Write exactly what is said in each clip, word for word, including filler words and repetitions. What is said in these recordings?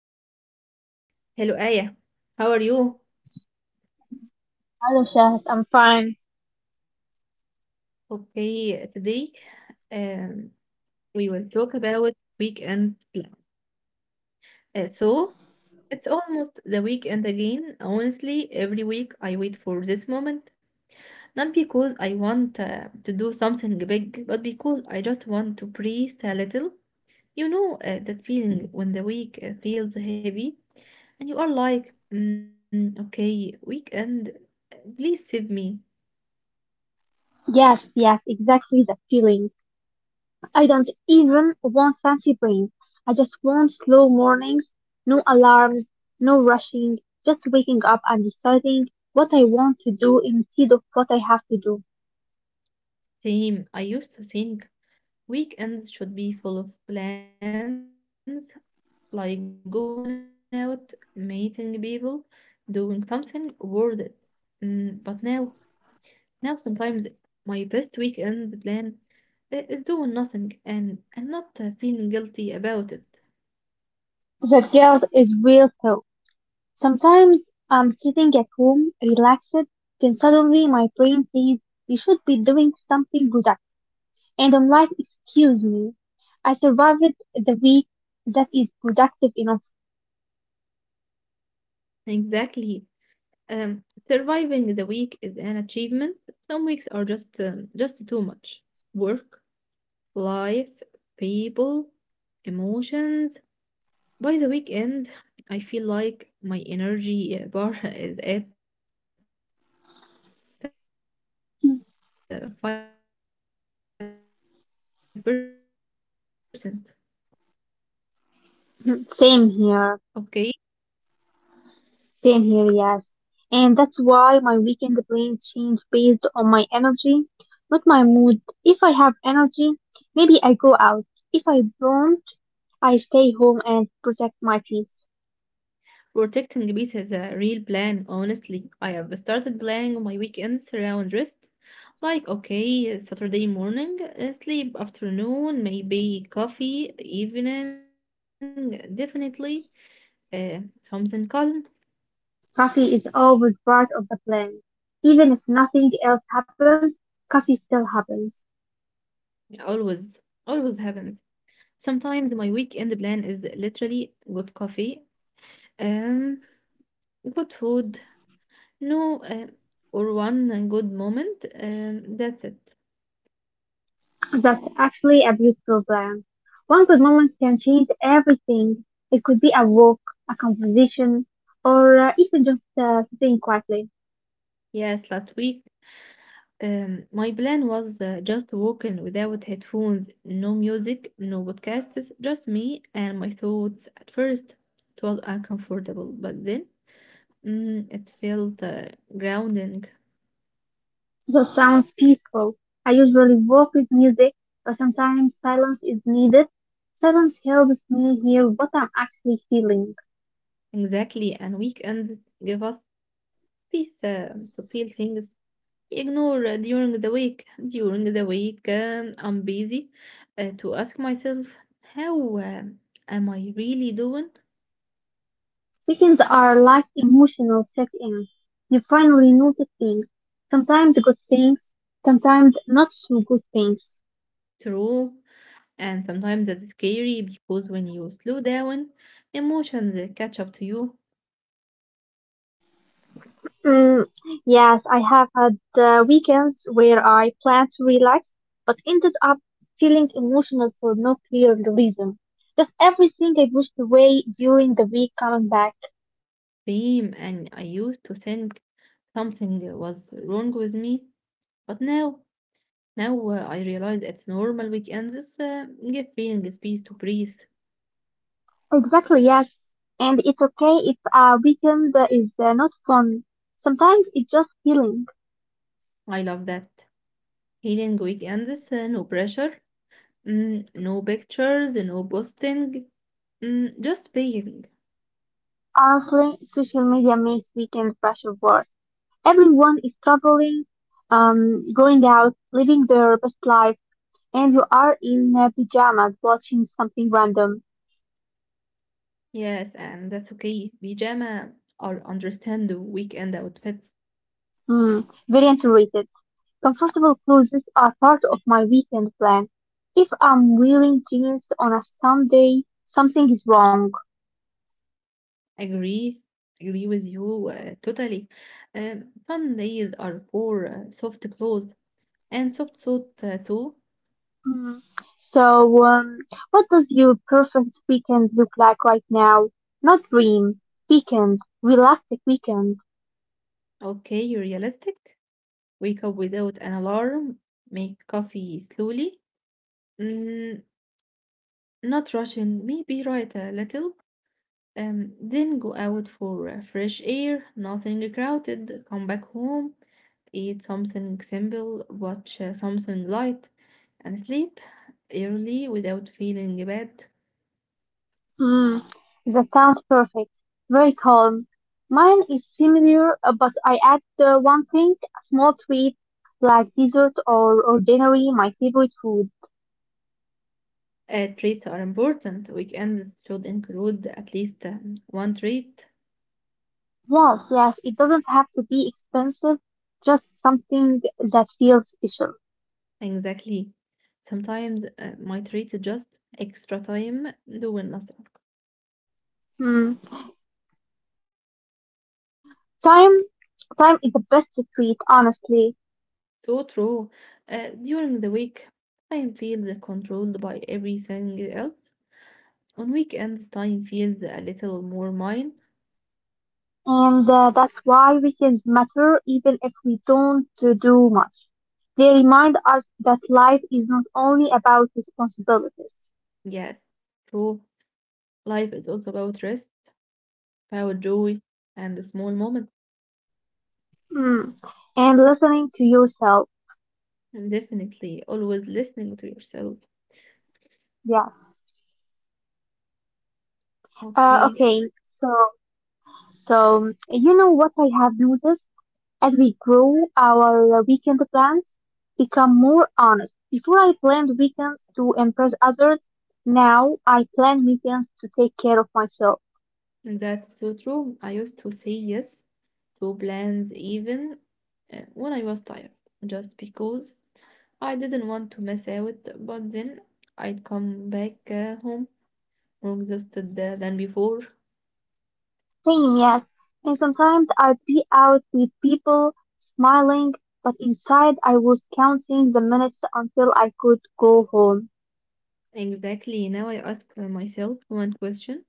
everyone. Hello, Aya. How are you? Hello, Shahid. I'm fine. Okay, today um, we will talk about weekend plan. Uh, so, it's almost the weekend again. Honestly, every week I wait for this moment. Not because I want uh, to do something big, but because I just want to breathe a little. You know, uh, that feeling when the week uh, feels heavy and you are like, mm, okay, weekend, uh, please save me. Yes, yes, exactly that feeling. I don't even want fancy brains. I just want slow mornings, no alarms, no rushing, just waking up and deciding what I want to do instead of what I have to do. Same. I used to think weekends should be full of plans, like going out, meeting people, doing something worth it. Mm, but now, now sometimes my best weekend plan i- is doing nothing and and not uh, feeling guilty about it. That guilt is real though. Sometimes I'm sitting at home, relaxed, then suddenly my brain says, you should be doing something productive. And I'm like, excuse me, I survived the week that is productive enough. Exactly. Um, surviving the week is an achievement. Some weeks are just um, just too much work, life, people, emotions. By the weekend, I feel like my energy uh, bar is at uh, five percent. Mhm. Same Okay, here. Same here, yes. And that's why my weekend plans change based on my energy, not my mood. If I have energy, maybe I go out. If I don't, I stay home and protect my peace. protecting peace is a real plan, honestly. I have started planning my weekends around rest. Like, okay, Saturday morning, uh, sleep afternoon, maybe coffee, evening, definitely. Uh, something calm. Coffee is always part of the plan. Even if nothing else happens, coffee still happens. Always, always happens. Sometimes my weekend plan is literally good coffee, um, good food, no, uh, or one good moment. Um, that's it. That's actually a beautiful plan. One good moment can change everything. It could be a walk, a composition, or uh, even just uh, sitting quietly. Yes, last week, um, my plan was uh, just walking without headphones, no music, no podcasts, just me and my thoughts. At first, it was uncomfortable, but then mm, it felt uh, grounding. That sounds peaceful. I usually walk with music, but sometimes silence is needed. Silence helps me hear what I'm actually feeling. Exactly, and weekends give us space uh, to feel things ignore uh, during the week. During the week, um, I'm busy uh, to ask myself, how um, am I really doing? Weekends are like emotional check-ins. You finally notice things. Sometimes good things, sometimes not so good things. True. And sometimes that's scary because when you slow down, emotions uh, catch up to you. Mm, yes, I have had uh, weekends where I planned to relax, but ended up feeling emotional for no clear reason. Just everything I pushed away during the week coming back. Same, and I used to think something was wrong with me, but now, now uh, I realize it's normal weekends uh, give feeling space to breathe. Exactly, yes. And it's okay if a weekend is uh, not fun. Sometimes it's just healing. I love that. Healing weekends, uh, no pressure. Mm, no pictures, no posting, mm, just being. Honestly, social media makes weekend pressure worse. Everyone is traveling, um, going out, living their best life. And you are in uh, pajamas watching something random. Yes, and that's okay. Pajama or understand the weekend outfits. Hmm, very underrated. Comfortable clothes are part of my weekend plan. If I'm wearing jeans on a Sunday, something is wrong. Agree, agree with you uh, totally. Um, some days are for uh, soft clothes and soft suit uh, too. Hmm. So, um, what does your perfect weekend look like right now? Not dream, weekend, realistic weekend. Okay, realistic. Wake up without an alarm. Make coffee slowly. Mm, not rushing. Maybe write a little. Um, then go out for uh, fresh air, nothing crowded. Come back home, eat something simple, watch uh, something light, and sleep early without feeling bad. Mm, that sounds perfect. Very calm. Mine is similar, uh, but I add uh, one thing, a small treat, like dessert or ordinary, my favorite food. Uh, treats are important. Weekends should include at least uh, one treat. Yes, yes, it doesn't have to be expensive, just something that feels special. Exactly. Sometimes uh, my treat is just extra time doing nothing. Mm. Time, time is the best treat, honestly, So true. Uh, during the week, I feel controlled by everything else. On weekends, time feels a little more mine. and uh, that's why weekends matter, even if we don't uh, do much. They remind us that life is not only about responsibilities. Yes, true. Life is also about rest, about joy, and the small moment. Mm. And listening to yourself. And definitely always listening to yourself. Yeah. Uh, Okay, okay. So, so you know what I have noticed, as we grow, our weekend plans become more honest. Before I planned weekends to impress others. Now I plan weekends to take care of myself. that's so true. I used to say yes to plans even uh, when I was tired, just because I didn't want to miss out. But then I'd come back uh, home more exhausted uh, than before. Same, yes. And sometimes I'd be out with people smiling, but inside I was counting the minutes until I could go home. Exactly. Now I ask myself one question.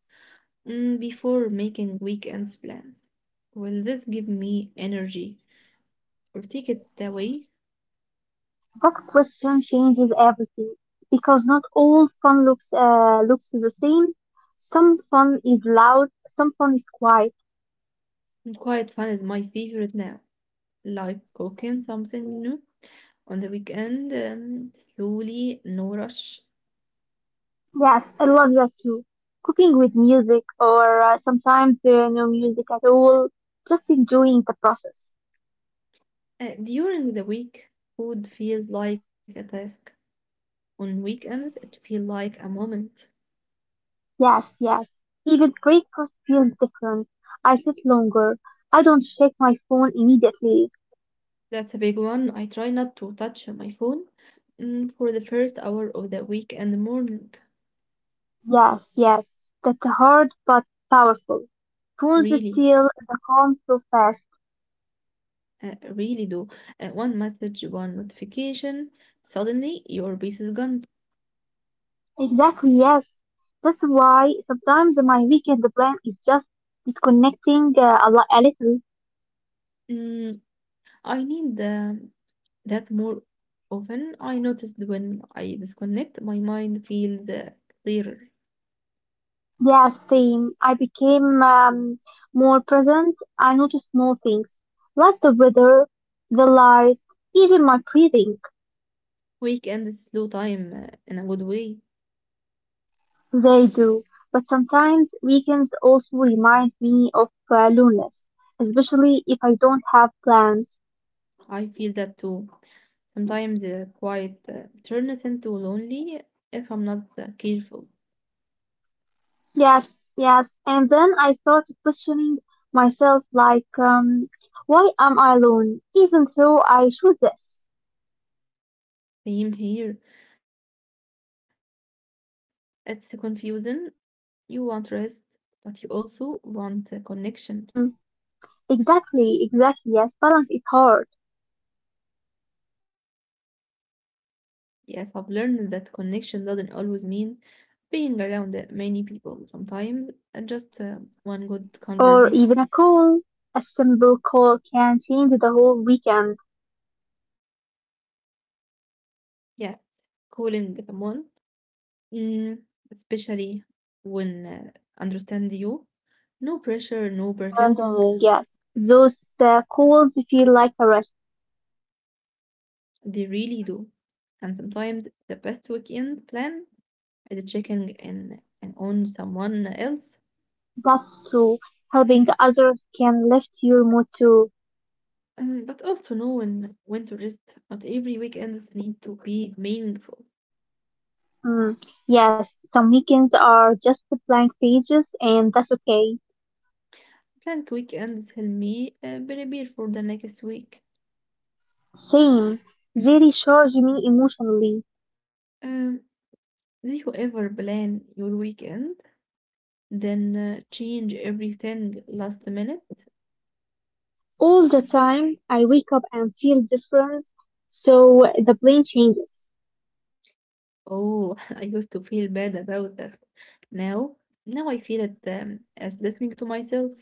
Mm, before making weekends plans. Will this give me energy or take it away? That question changes everything because not all fun looks uh, looks the same. Some fun is loud, some fun is quiet. And quiet fun is my favorite now, like cooking something new on the weekend, um, slowly, no rush. Yes, I love that too. Cooking with music, or uh, sometimes there are no music at all. Just enjoying the process. Uh, during the week, food feels like a task. On weekends, it feels like a moment. Yes, yes. Even breakfast feels different. I sit longer. I don't check my phone immediately. That's a big one. I try not to touch my phone mm, for the first hour of the weekend morning, Yes, yes. That's hard but powerful. Phones really. steal the calm so fast. Uh, really do. Uh, one message, one notification, suddenly your base is gone. Exactly, yes. That's why sometimes my weekend plan is just disconnecting uh, a, li- a little. Mm, I need the, that more often. I noticed when I disconnect, my mind feels uh, clearer. Yes, same. I became um, more present. I noticed small things like the weather, the light, even my breathing. Weekend is slow time uh, in a good way. They do. But sometimes weekends also remind me of uh, loneliness, especially if I don't have plans. I feel that too. Sometimes uh, quiet uh, turns into lonely if I'm not uh, careful. Yes, yes. And then I started questioning myself like, um, why am I alone? Even though I should this. Same here. It's confusing. You want rest, but you also want uh, connection. Mm, exactly, exactly. Yes, balance is hard. Yes, I've learned that connection doesn't always mean being around uh, many people. Sometimes uh, just uh, one good conversation. Or even a call. A simple call can change the whole weekend. Yeah, calling someone, mm, especially when uh, understand you. No pressure, no Abandoning, pretending. yes. Those uh, calls feel like a rest. They really do. And sometimes the best weekend plan is checking in and on someone else. But true, helping others can lift your mood too. Um, but also knowing when to rest. Not every weekends need to be meaningful. Mm, yes, some weekends are just blank pages and that's okay. Plant weekends help me uh, prepare for the next week. Same. They recharge me emotionally. Um, do you ever plan your weekend, then uh, change everything last minute? All the time I wake up and feel different, so the brain changes. Oh, I used to feel bad about that. Now, now I feel it um, as listening to myself.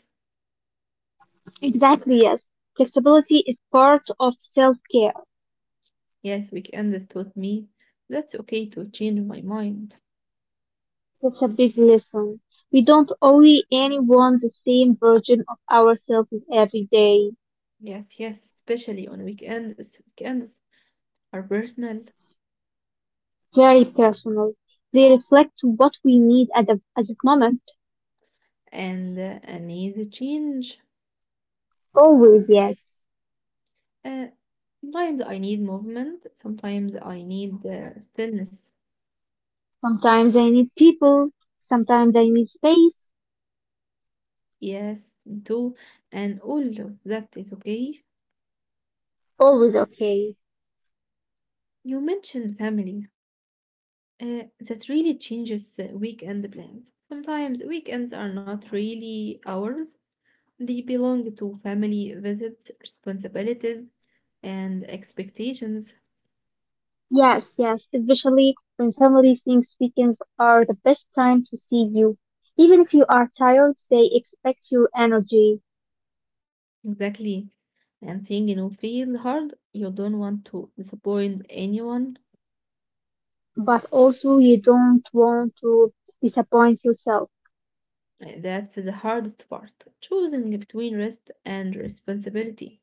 Exactly, yes. Flexibility is part of self care. Yes, weekends taught me that's okay to change my mind. That's a big lesson. We don't owe anyone the same version of ourselves every day. Yes, yes, especially on weekends. Weekends are personal Very personal. They reflect what we need at the, at that moment. and uh, and need a change. Always, yes. Uh, sometimes I need movement, sometimes I need uh, stillness. Sometimes I need people. Sometimes I need space. Yes, do, and all of that is okay. Always okay. You mentioned family. Uh, that really changes uh, weekend plans. Sometimes weekends are not really ours, they belong to family visits, responsibilities, and expectations. Yes, yes, especially when family thinks weekends are the best time to see you. Even if you are tired, they expect your energy, Exactly. And thing you know feel hard, you don't want to disappoint anyone. but also you don't want to disappoint yourself. Uh, That's the hardest part, choosing between rest and responsibility.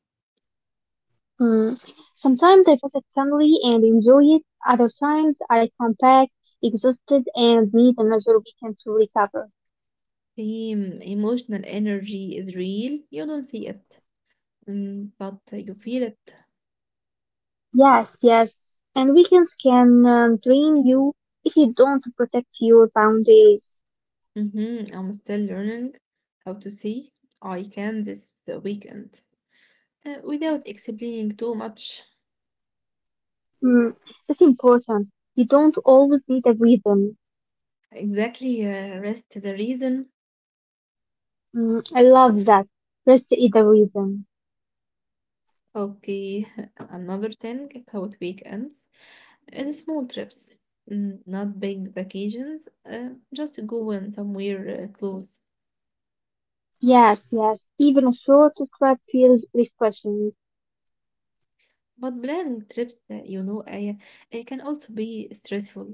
Hmm. Sometimes I visit family and enjoy it. Other times I come back exhausted and need another weekend to recover. The um, emotional energy is real, you don't see it, mm, but you feel it. Yes, yes, and weekends can um, drain you if you don't protect your boundaries. Mhm, I'm still learning how to say I can this weekend uh, without explaining too much. Mm, it's important. You don't always need a reason. Exactly, uh, rest is a reason. Mm, I love that. Rest is a reason. Okay, another thing about weekends. Uh, small trips, n- not big vacations. Uh, just going somewhere uh, close. Yes, yes. Even a short trip feels refreshing. But planning trips, uh, you know, uh, uh, can also be stressful.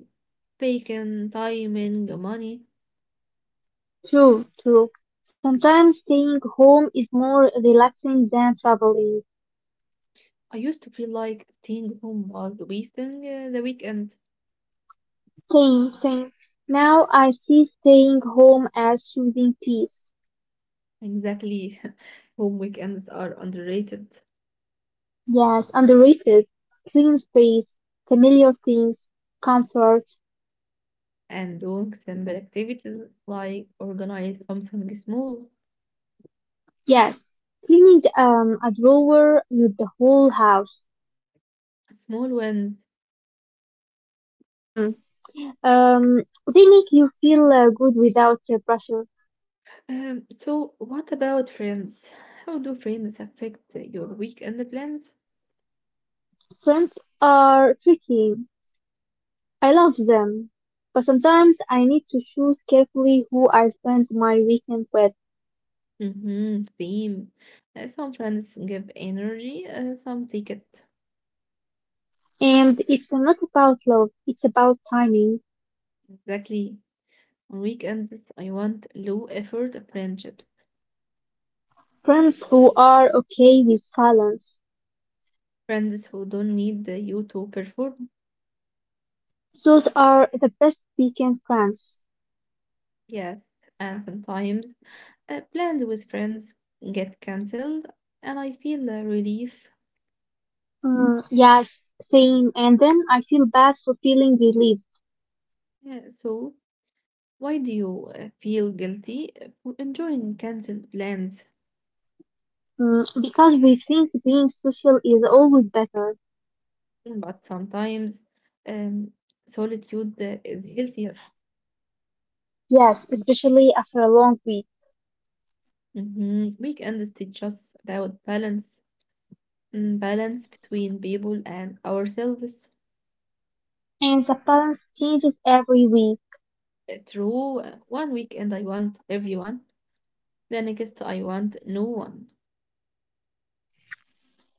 Bacon, timing, money. True, true. Sometimes staying home is more relaxing than traveling. I used to feel like staying home was wasting uh, the weekend. Same, same. Now I see staying home as choosing peace. Exactly. Home weekends are underrated. Yes, underrated. Clean space, familiar things, comfort. And doing simple activities like organize something small, Yes, cleaning um, a drawer with the whole house. small wins. Mm. Um, they make you feel uh, good without uh, pressure. Um, so what about friends? How do friends affect your weekend plans? Friends are tricky. I love them, but sometimes I need to choose carefully who I spend my weekend with. Mm-hmm, theme. Uh, some friends give energy, uh, some take it. And it's not about love, it's about timing. Exactly. On weekends, I want low effort friendships. Friends who are okay with silence. Friends who don't need uh, you to perform. Those are the best weekend friends. Yes, and sometimes uh, plans with friends get cancelled, and I feel uh, relief. Mm, yes, same. And then I feel bad for feeling relieved. Yeah, so why do you uh, feel guilty for enjoying cancelled plans? Mm, because we think being social is always better. But sometimes um, solitude uh, is healthier. Yes, especially after a long week. Mhm. Weekends teach us about balance, mm, balance between people and ourselves. And the balance changes every week. Uh, True, uh, one weekend I want everyone, the next I want no one.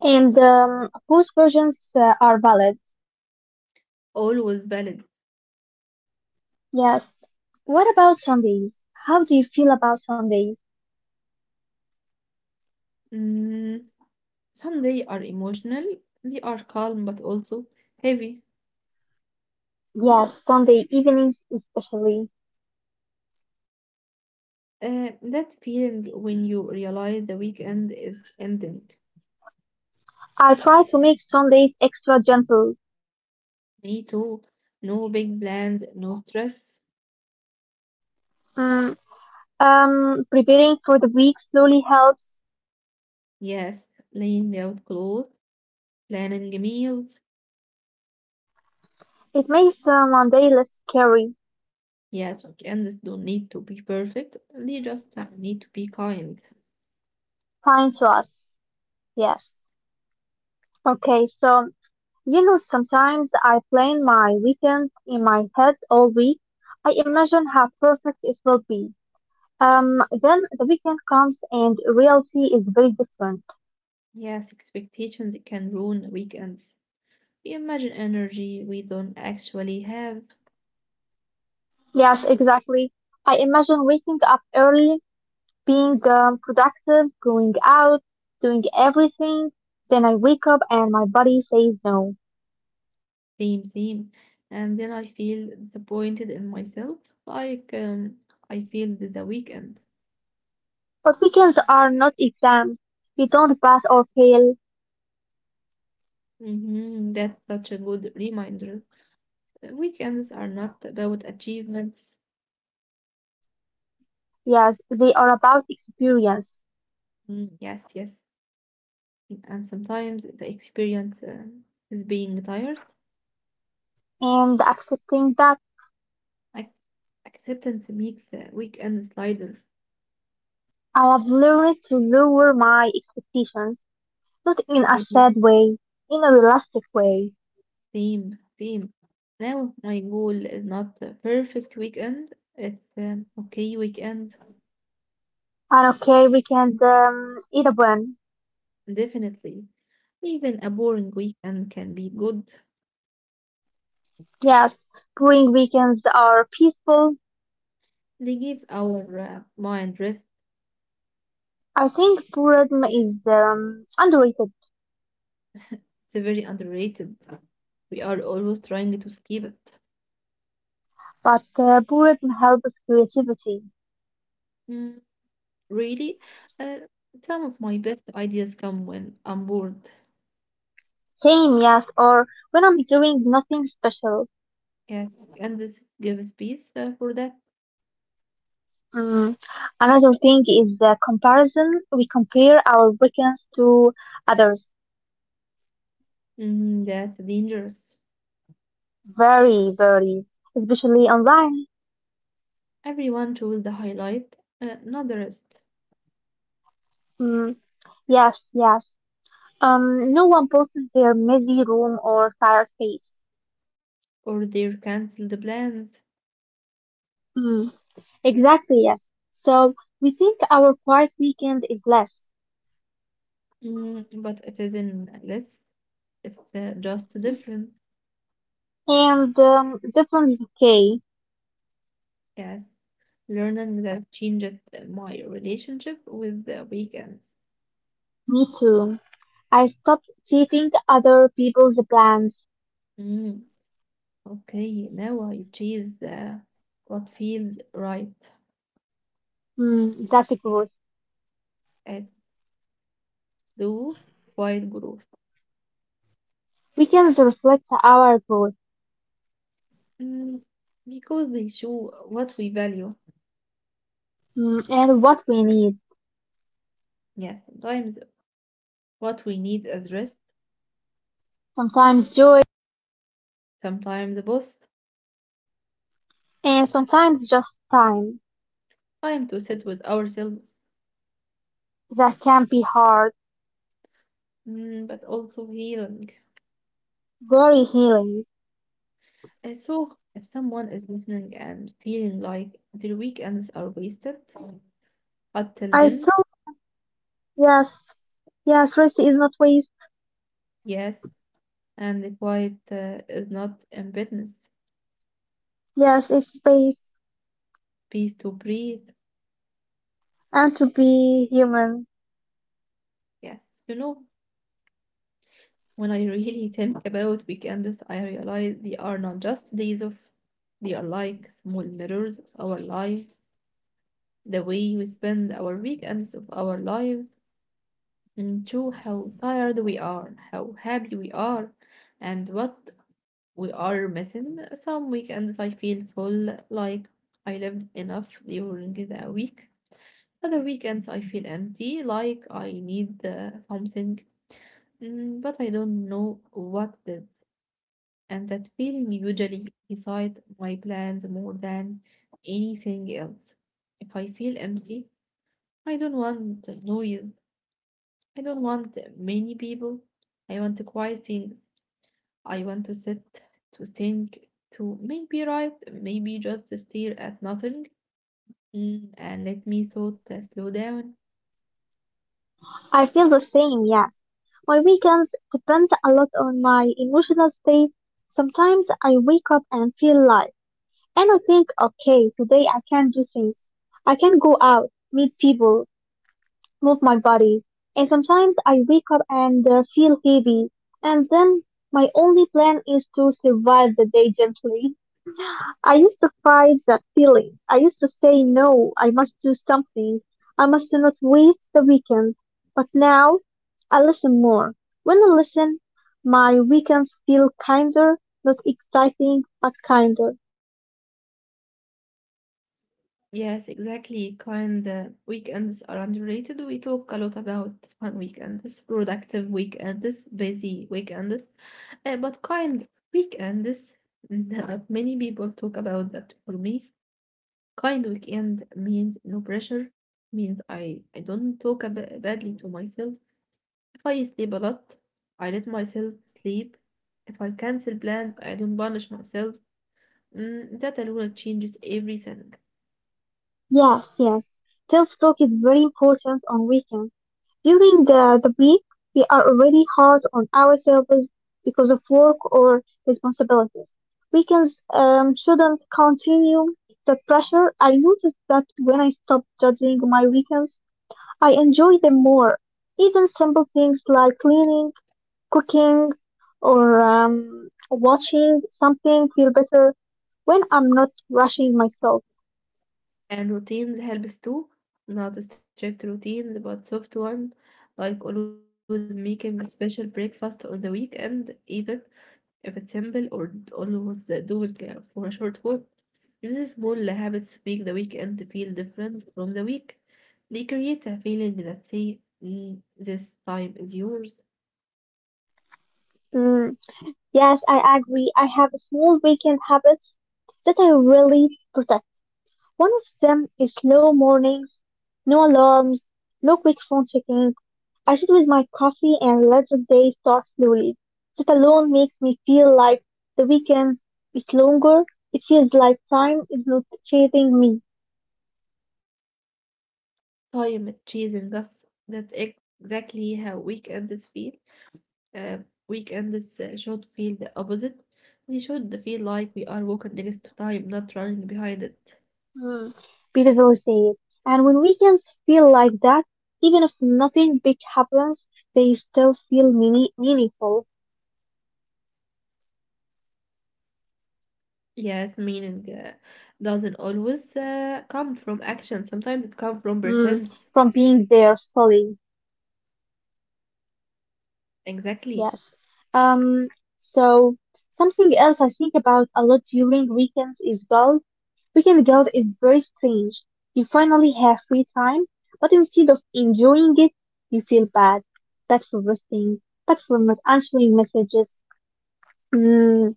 And um, both versions uh, are valid. Always valid. Yes. What about Sundays? How do you feel about Sundays? Mm, some days are emotional, they are calm but also heavy. Yes, Sunday evenings especially. Uh, that feeling when you realize the weekend is ending. I try to make Sundays extra gentle. Me too. No big plans, no stress. Mm, um, preparing for the week slowly helps. Yes, laying out clothes, planning meals. It makes uh, Monday less scary. Yes, weekends don't need to be perfect. They just uh, need to be kind. Fine to us. Yes. Okay, so you know, sometimes I plan my weekends in my head all week. I imagine how perfect it will be. Um, then the weekend comes and reality is very different. Yes, expectations can ruin weekends. We imagine energy we don't actually have. Yes, exactly. I imagine waking up early, being um, productive, going out, doing everything. Then I wake up and my body says no. Same, same. And then I feel disappointed in myself. Like um, I failed the weekend. But weekends are not exams. You don't pass or fail. Mm-hmm. That's such a good reminder. Uh, Weekends are not about achievements. Yes, they are about experience Mm, yes, yes. And sometimes the experience uh, is being tired. and accepting that. Ac- acceptance makes a weekend slider, I have learned to lower my expectations, not in a really. sad way, in a realistic way. Same, same. Now my goal is not a perfect weekend. It's um, okay weekend, And okay, weekend um, it a one. definitely. Even a boring weekend can be good. Yes, boring weekends are peaceful. They give our uh, mind rest. I think boredom is um, underrated, It's a very underrated. We are always trying to skip it. but uh, boredom helps creativity. Hmm. Really, uh, some of my best ideas come when I'm bored. Same, yes, or when I'm doing nothing special. Yes, and this gives peace uh, for that. Mm. Another thing is the comparison. We compare our weekends to others. Mm, that's dangerous. Very, very, especially online. Everyone chose the highlight, uh, not the rest, Mm, yes, yes. Um, no one posts their messy room or tired face. or their cancelled plans. Mm, exactly, yes. So we think our quiet weekend is less. Mm, but it isn't less, it's uh, just different. And um, this one is okay. Yes, learning that changed my relationship with the weekends. Me too. I stopped chasing other people's plans. Mm, okay, now I chase uh, what feels right. Mm, that's a growth. It though quiet growth. Weekends reflect our growth, Mm, because they show what we value. mm, and what we need. Yes, sometimes what we need is rest, Sometimes joy sometimes a boss, and sometimes just time. time to sit with ourselves, That can be hard, mm, but also healing. very healing. And so, if someone is listening and feeling like their weekends are wasted, I'd tell I them told them, yes, yes, rest is not waste. yes, and the quiet uh, is not in business. Yes, it's space Peace to breathe. and to be human. Yes, you know, when I really think about weekends, I realize they are not just days off, they are like small mirrors of our lives, the way we spend our weekends of our lives, and show how tired we are, how happy we are, and what we are missing. Some weekends I feel full, like I lived enough during the week. Other weekends I feel empty, like I need uh, something, mm, but I don't know what the and that feeling usually decides my plans more than anything else. If I feel empty, I don't want noise. I don't want many people. I want quiet things. I want to sit, to think, to maybe write, maybe just stare at nothing mm, and let me thought uh, slow down. I feel the same, yes. My weekends depend a lot on my emotional state. Sometimes I wake up and feel light. And I think, okay, today I can do things. I can go out, meet people, move my body. And sometimes I wake up and uh, feel heavy. And then my only plan is to survive the day gently. I used to fight that feeling. I used to say, no, I must do something. I must not wait the weekend. But now I listen more. When I listen, my weekends feel kinder, not exciting, but kinder. Yes, exactly. Kind uh, weekends are underrated. We talk a lot about fun weekends, productive weekends, busy weekends. Uh, but kind weekends, many people talk about that. For me, kind weekend means no pressure, means I, I don't talk ab- badly to myself. If I sleep a lot, I let myself sleep. If I cancel plan, I don't punish myself. Mm, that alone changes everything. Yes, yes. Self talk is very important on weekends. During the the week, we are already hard on ourselves because of work or responsibilities. Weekends um, shouldn't continue the pressure. I noticed that when I stopped judging my weekends, I enjoy them more. Even simple things like cleaning, cooking, or um, watching something feel better when I'm not rushing myself. And routines helps too, not strict routines, but soft one, like always making a special breakfast on the weekend, even if it's simple or almost doing for a short walk. These small habits make the weekend feel different from the week. They create a feeling that say, "Mm, this time is yours, Mm, yes, I agree. I have small weekend habits that I really protect. One of them is slow mornings, no alarms, no quick phone checking. I sit with my coffee and let the day start slowly. That alone makes me feel like the weekend is longer. It feels like time is not chasing me. time chasing us." That's exactly how weekends feel. Uh, Weekends uh, should feel the opposite. We should feel like we are walking next to time, not running behind it. Hmm. Beautiful said. And when weekends feel like that, even if nothing big happens, they still feel meaning- meaningful. Yes, meaning uh, doesn't always uh, come from action. Sometimes it comes from presence. Hmm. From being there fully. Exactly. Yes. Um, so something else I think about a lot during weekends is guilt. Weekend guilt is very strange. You finally have free time, but instead of enjoying it, you feel bad. Bad for resting, bad for not answering messages. Hmm.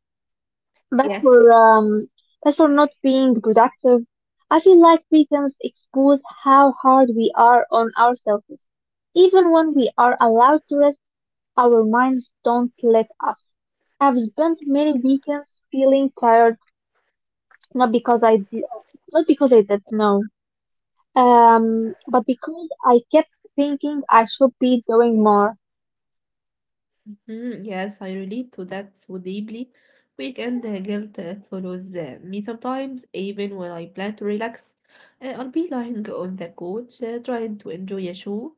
Yes. But for um, but for not being productive, I feel like weekends expose how hard we are on ourselves. Even when we are allowed to rest, our minds don't let us. I've spent many weekends feeling tired, not because I did, not because I did no, um, but because I kept thinking I should be doing more. Mhm. Yes, I relate to that so deeply. Weekend uh, guilt uh, follows uh, me sometimes, even when I plan to relax. Uh, I'll be lying on the couch uh, trying to enjoy a show,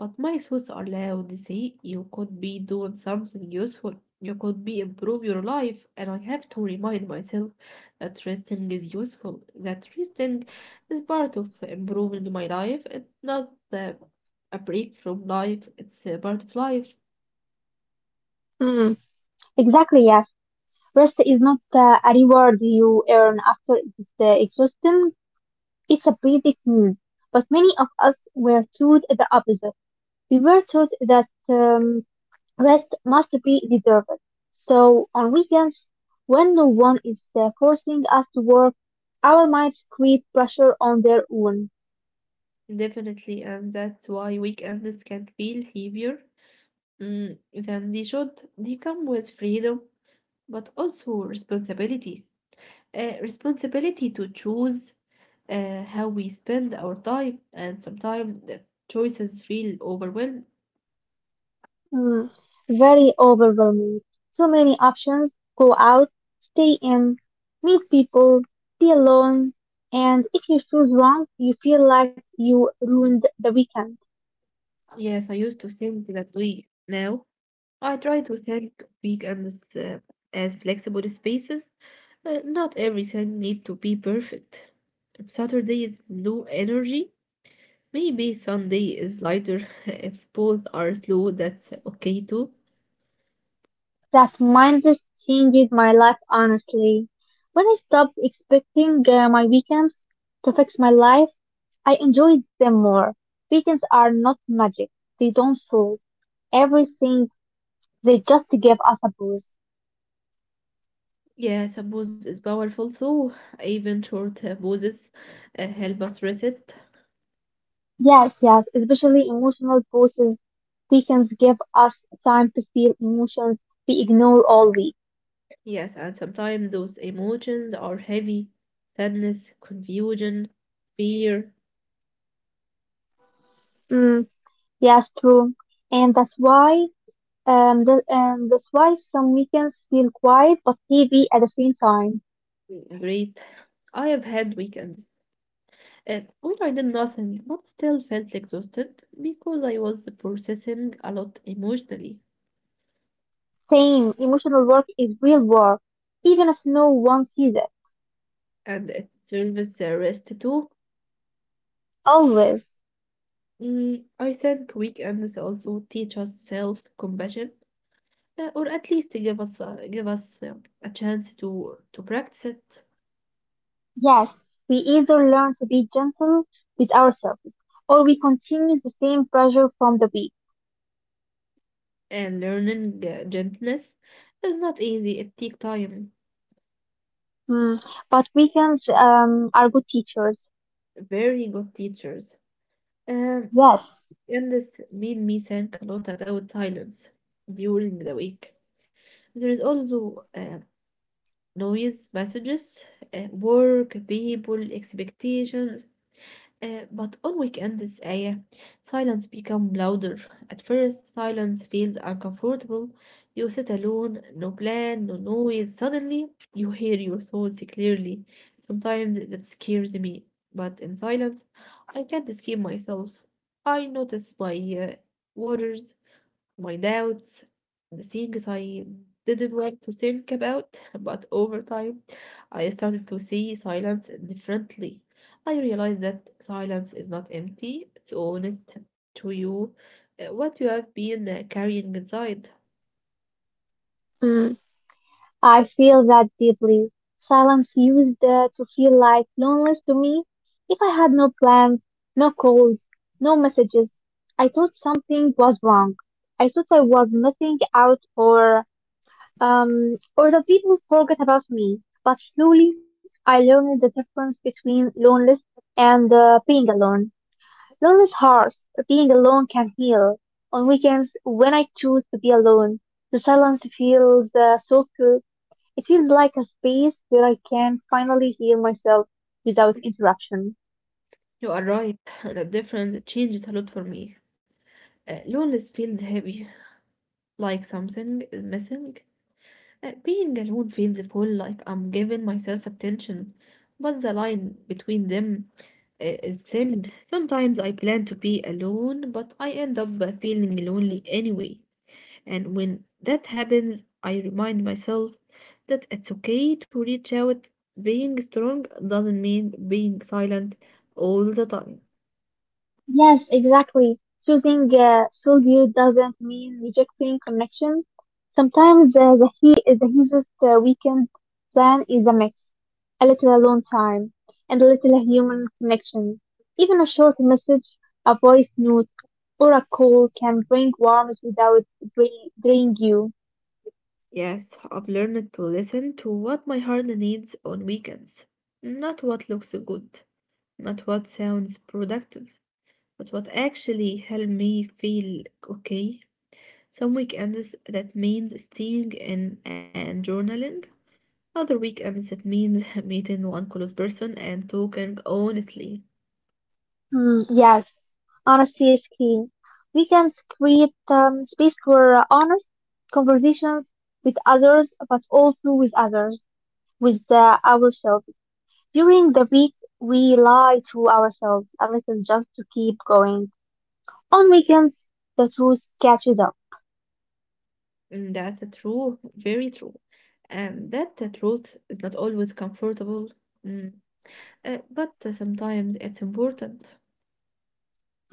but my thoughts are loud. They say, you could be doing something useful. You could be improve your life, and I have to remind myself that resting is useful. That resting is part of improving my life. It's not uh, a break from life. It's a part of life. Mm. Exactly, yes. Rest is not uh, a reward you earn after it's uh, exhausting. It's a basic need, but many of us were taught the opposite. We were taught that um, rest must be deserved. So on weekends, when no one is uh, forcing us to work, our minds create pressure on their own. Definitely, and that's why weekends can feel heavier mm, than they should. They come with freedom, but also responsibility. Uh, responsibility to choose uh, how we spend our time, and sometimes the choices feel overwhelmed. Hmm, very overwhelming. Too many options. Go out, stay in, meet people, be alone, and if you choose wrong, you feel like you ruined the weekend. Yes, I used to think that way. Now, I try to think weekends uh, as flexible spaces. Uh, not everything need to be perfect. Saturday is low energy. Maybe Sunday is lighter. If both are slow, that's okay too. That mindset changed my life honestly. When I stopped expecting uh, my weekends to fix my life, I enjoyed them more. Weekends are not magic. They don't solve everything. They just give us a boost. Yes. Yeah, suppose is powerful, so even short uh, pauses uh, help us reset. Yes, yes, especially emotional boosts. Weekends give us time to feel emotions we ignore all week. Yes, and sometimes those emotions are heavy, sadness, confusion, fear, Mm, yes, true. And that's why um, the, um, that's why some weekends feel quiet but heavy at the same time. regret. I have had weekends uh, where I did nothing but still felt exhausted because I was processing a lot emotionally, Same. Emotional work is real work, even if no one sees it. and it serves a rest too. Always. Mm, I think weekends also teach us self-compassion, uh, or at least give us uh, give us uh, a chance to to practice it. Yes, we either learn to be gentle with ourselves, or we continue the same pressure from the week. And learning uh, gentleness is not easy. It takes time. Mm. But weekends um, are good teachers. Very good teachers. Um, Yes, and this made me think a lot about silence during the week. There is also uh, noise, messages, uh, work, people, expectations. Uh, but on weekends, Aya, silence become louder. At first, silence feels uncomfortable. You sit alone, no plan, no noise. Suddenly, you hear your thoughts clearly. Sometimes that scares me, but in silence, I can't escape myself. I notice my uh, worries, my doubts, the things I didn't want to think about. But over time I started to see silence differently. I realized that silence is not empty, it's honest to you, uh, what you have been uh, carrying inside. mm. I feel that deeply. Silence used uh, to feel like loneliness to me. If I had no plans, no calls, no messages, I thought something was wrong. I thought I was missing out or um, or that people forget about me. But slowly, I learned the difference between loneliness and uh, being alone. Loneliness hurts, but being alone can heal. On weekends, when I choose to be alone, the silence feels uh, softer. It feels like a space where I can finally hear myself without interruption. You are right, the difference changed a lot for me. Uh, loneliness feels heavy, like something is missing. Uh, being alone feels full, like I'm giving myself attention, but the line between them i- is thin. Sometimes I plan to be alone, but I end up uh, feeling lonely anyway. And when that happens, I remind myself that it's okay to reach out. Being strong doesn't mean being silent all the time. Yes, exactly. Choosing uh, solitude doesn't mean rejecting connection. Sometimes uh, the he is the easiest uh, weekend plan is a mix, a little alone time and a little human connection. Even a short message, a voice note, or a call can bring warmth without drain, drain you. Yes, I've learned to listen to what my heart needs on weekends, not what looks good. Not what sounds productive, but what actually helped me feel okay. Some weekends that means staying in and journaling. Other weekends that means meeting one close person and talking honestly. Mm, yes, honesty is key. We can create um, space for uh, honest conversations with others, but also with others, with uh, ourselves. During the week, we lie to ourselves a little just to keep going. On weekends, the truth catches up. Mm, that's true, very true. And that the truth is not always comfortable, mm, uh, but uh, sometimes it's important.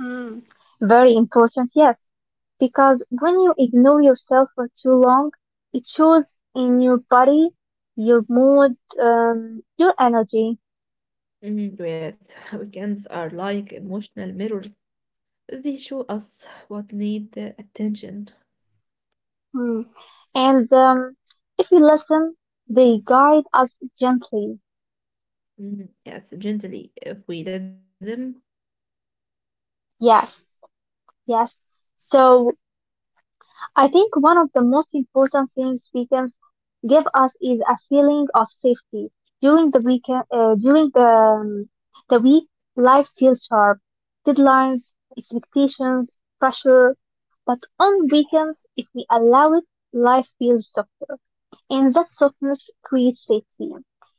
Mm. Very important, yes, because when you ignore yourself for too long, it shows in your body, your mood, um, your energy. Mm, yes, weekends are like emotional mirrors. They show us what need uh, attention. Mm. And um, if you listen, they guide us gently. Mm, yes, gently. If we let them, Yes, yes. So I think one of the most important things weekends give us is a feeling of safety. During the weekend, uh, during the um, the week, life feels sharp, deadlines, expectations, pressure. But on weekends, if we allow it, life feels softer. And that softness creates safety.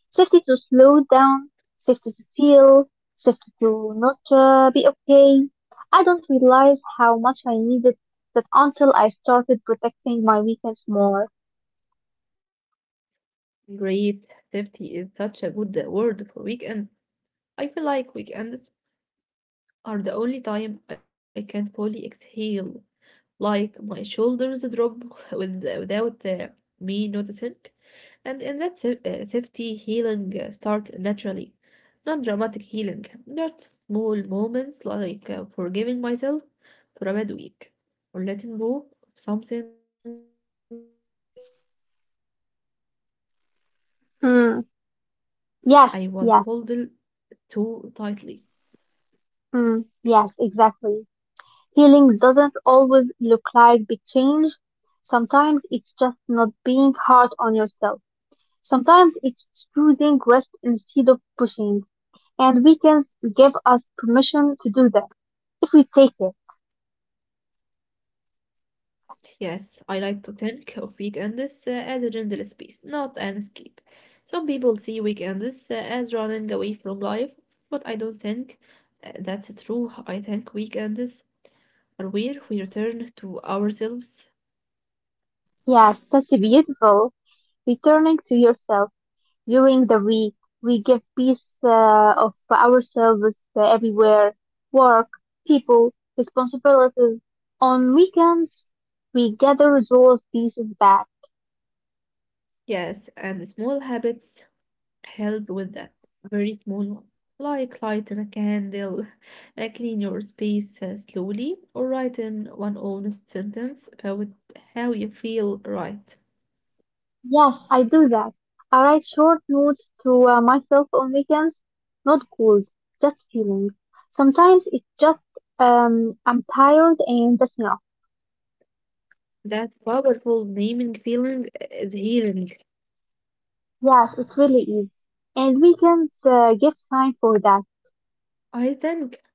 Safety to slow down, safety to feel, safety to not uh, be okay. I don't realize how much I needed that until I started protecting my weakness more. great safety is such a good word for weekend. I feel like weekends are the only time I can fully exhale. Like my shoulders drop with, without uh, me noticing. And in that sa- uh, safety, healing uh, starts naturally. Not dramatic healing, not small moments like uh, forgiving myself for a bad week, or letting go of something I was holding too tightly. Mm. Yes, yes, mm, yes, exactly. Healing doesn't always look like big change. Sometimes it's just not being hard on yourself. Sometimes it's choosing rest instead of pushing. And weekends give us permission to do that if we take it. Yes, I like to think of weekends uh, as a gentle space, not an escape. Some people see weekends uh, as running away from life, but I don't think uh, that's true. I think weekends or where we return to ourselves. Yes, that's beautiful. Returning to yourself during the week, we give peace uh, of ourselves uh, everywhere, work, people, responsibilities. On weekends, we gather those pieces back. Yes, and small habits help with that. Very small one. Like lighting a candle, uh, clean your space uh, slowly, or write in one honest sentence about how you feel right. Yes, I do that. I write short notes to uh, myself on weekends, not goals, just feelings. Sometimes it's just um, I'm tired and that's enough. That powerful naming feeling is healing. Yes, it really is. And weekends uh, give time for that. I think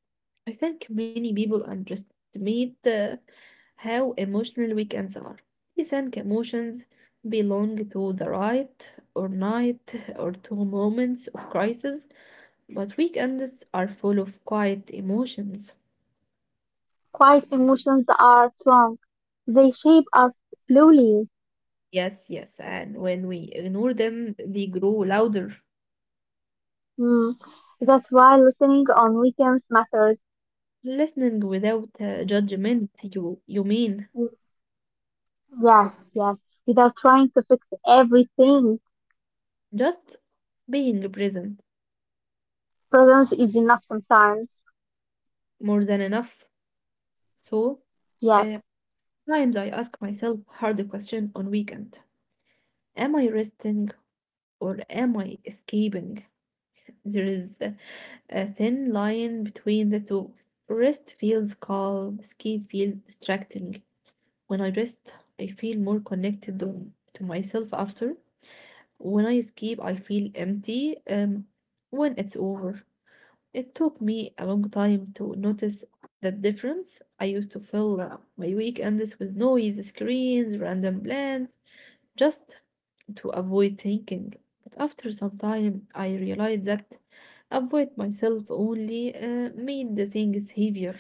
I think many people underestimate uh, how emotional weekends are. They think emotions belong to the right or night or to moments of crisis, but weekends are full of quiet emotions. Quiet emotions are strong. They shape us slowly. Yes, yes, and when we ignore them, they grow louder. Mm. That's why listening on weekends matters. Listening without uh, judgment, you you mean Mm, yes, yes. Without trying to fix everything, just being present presence is enough sometimes. more than enough. So. Yes. Uh. Sometimes I ask myself hard question on weekend. Am I resting or am I escaping? There is a a thin line between the two. Rest feels calm, escape feels distracting. When I rest, I feel more connected to to myself after. When I escape, I feel empty um, when it's over. It took me a long time to notice that difference. I used to fill uh, my weekends with noise, screens, random plans just to avoid thinking. But after some time, I realized that avoid myself only uh, made the things heavier.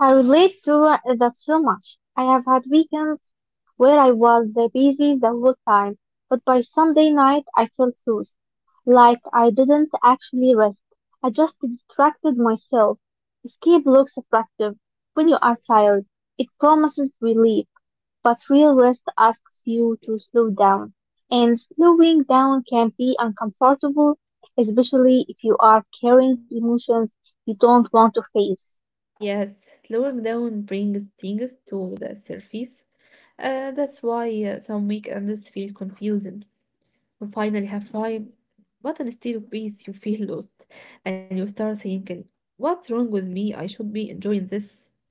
I relate to that so much. I have had weekends where I was uh, busy the whole time, but by Sunday night I felt loose, like I didn't actually rest. I just distracted myself. Escape looks attractive when you are tired. It promises relief, but real rest asks you to slow down. And slowing down can be uncomfortable, especially if you are carrying emotions you don't want to face. Yes, slowing down brings things to the surface. Uh, that's why uh, some weekends feel confusing. You finally have time, but instead of peace, you feel lost and you start thinking, what's wrong with me? I should be enjoying this.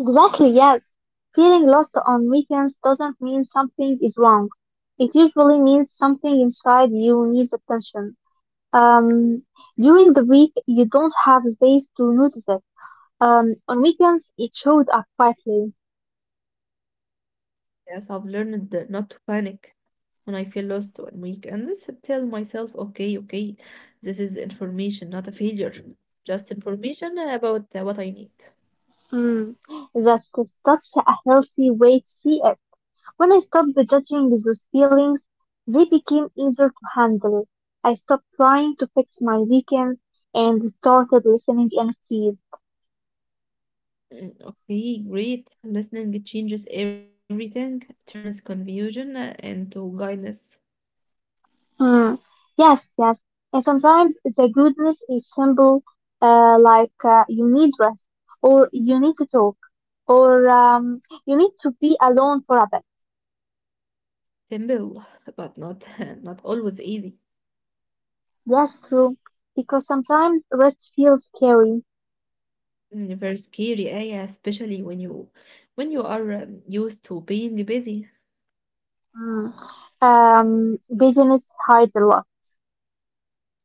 Exactly, yes. Feeling lost on weekends doesn't mean something is wrong. It usually means something inside you needs attention. Um, During the week, you don't have space to notice it. Um, on weekends, it showed up quietly. Yes, I've learned not to panic. When I feel lost on weekends, I tell myself, okay, okay, this is information, not a failure, just information about uh, what I need. Mm, that's such a healthy way to see it. When I stopped judging those feelings, they became easier to handle. I stopped trying to fix my weekend and started listening instead. Mm, okay, great. Listening changes everything, turns confusion uh, into guidance. Mm. Yes, yes. And sometimes the goodness is simple, uh, like uh, you need rest, or you need to talk, or um, you need to be alone for a bit. Simple, but not not always easy. Yes, true. Because sometimes rest feels scary. Mm, very scary, eh? Yeah, especially when you when you are um, used to being busy. Mm. Um, business hides a lot.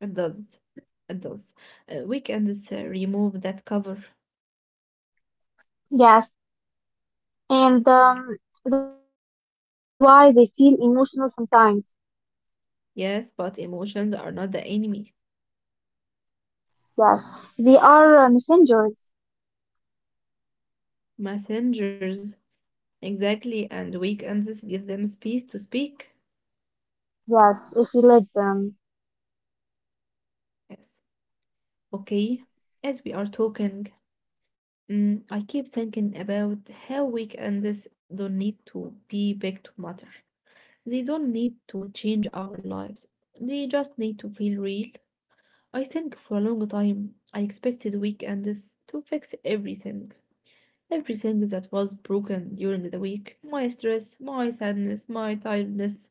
It does. It does. Uh, weekends uh, remove that cover. Mm. Yes, and um, that's why they feel emotional sometimes. Yes, but emotions are not the enemy. Yes, they are uh, messengers. Messengers. Exactly, and weekends give them space to speak. Yes, if you let them. Yes. Okay. As we are talking, mm, I keep thinking about how weekends don't need to be big to matter. They don't need to change our lives. They just need to feel real. I think for a long time I expected weekends to fix everything. Everything that was broken during the week. My stress, my sadness, my tiredness.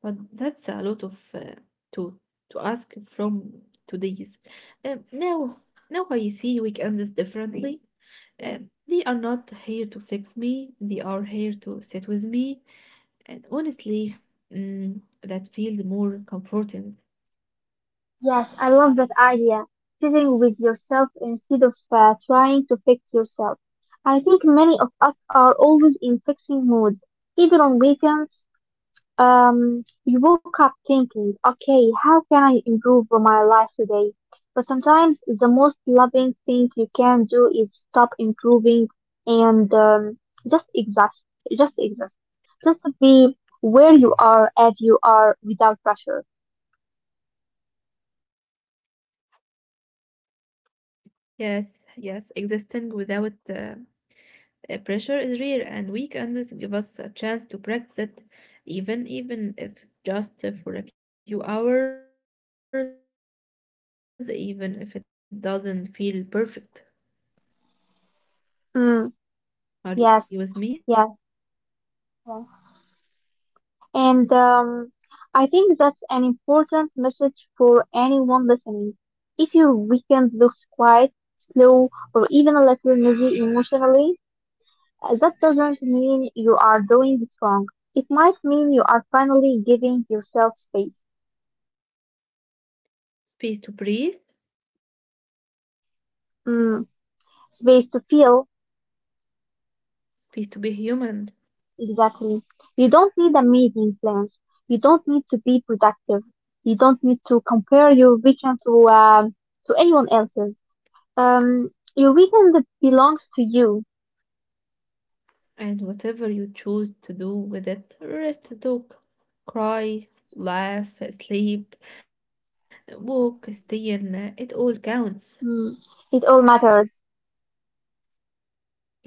But that's a lot of uh, to to ask from today's. Um, now Now I see weekends differently. Um, they are not here to fix me. They are here to sit with me and honestly, mm, that feels more comforting. Yes, I love that idea. Sitting with yourself instead of uh, trying to fix yourself. I think many of us are always in fixing mode. Even on weekends, um, we woke up thinking, okay, how can I improve my life today? But sometimes the most loving thing you can do is stop improving and um, just exist, just exist, just to be where you are as you are without pressure. Yes, yes, existing without uh, a pressure is rare, and weekends give us a chance to practice it, even even if just for a few hours, even if it doesn't feel perfect. Mm, yes, yes, Are you with me? yes. And um, I think that's an important message for anyone listening. If your weekend looks quiet, slow, or even a little messy emotionally, uh, that doesn't mean you are doing it wrong. It might mean you are finally giving yourself space. Space to breathe, Mm, space to feel, space to be human. exactly. You don't need amazing plans. You don't need to be productive. You don't need to compare your weekend to, um, to anyone else's. Um, your weekend belongs to you. And whatever you choose to do with it, rest, talk, cry, laugh, sleep, walk, stay in, uh, it all counts. Mm, it all matters. Yes,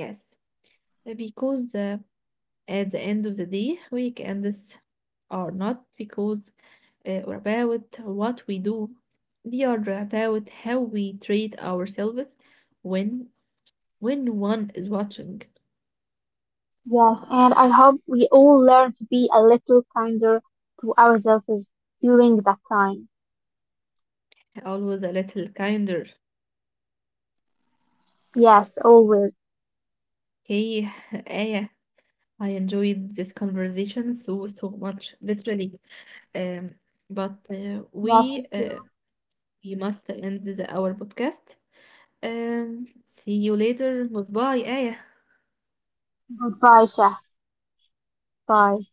uh, because uh, at the end of the day, weekends are not because uh, or about what we do. They are about how we treat ourselves when when one is watching. Yes, and I hope we all learn to be a little kinder to ourselves during that time. Always a little kinder. Yes, always. Okay, Aya. I enjoyed this conversation so so much, literally. Um, but uh, Yes, we thank uh, you. we must end the, our podcast. Um, Goodbye, Shah. Bye.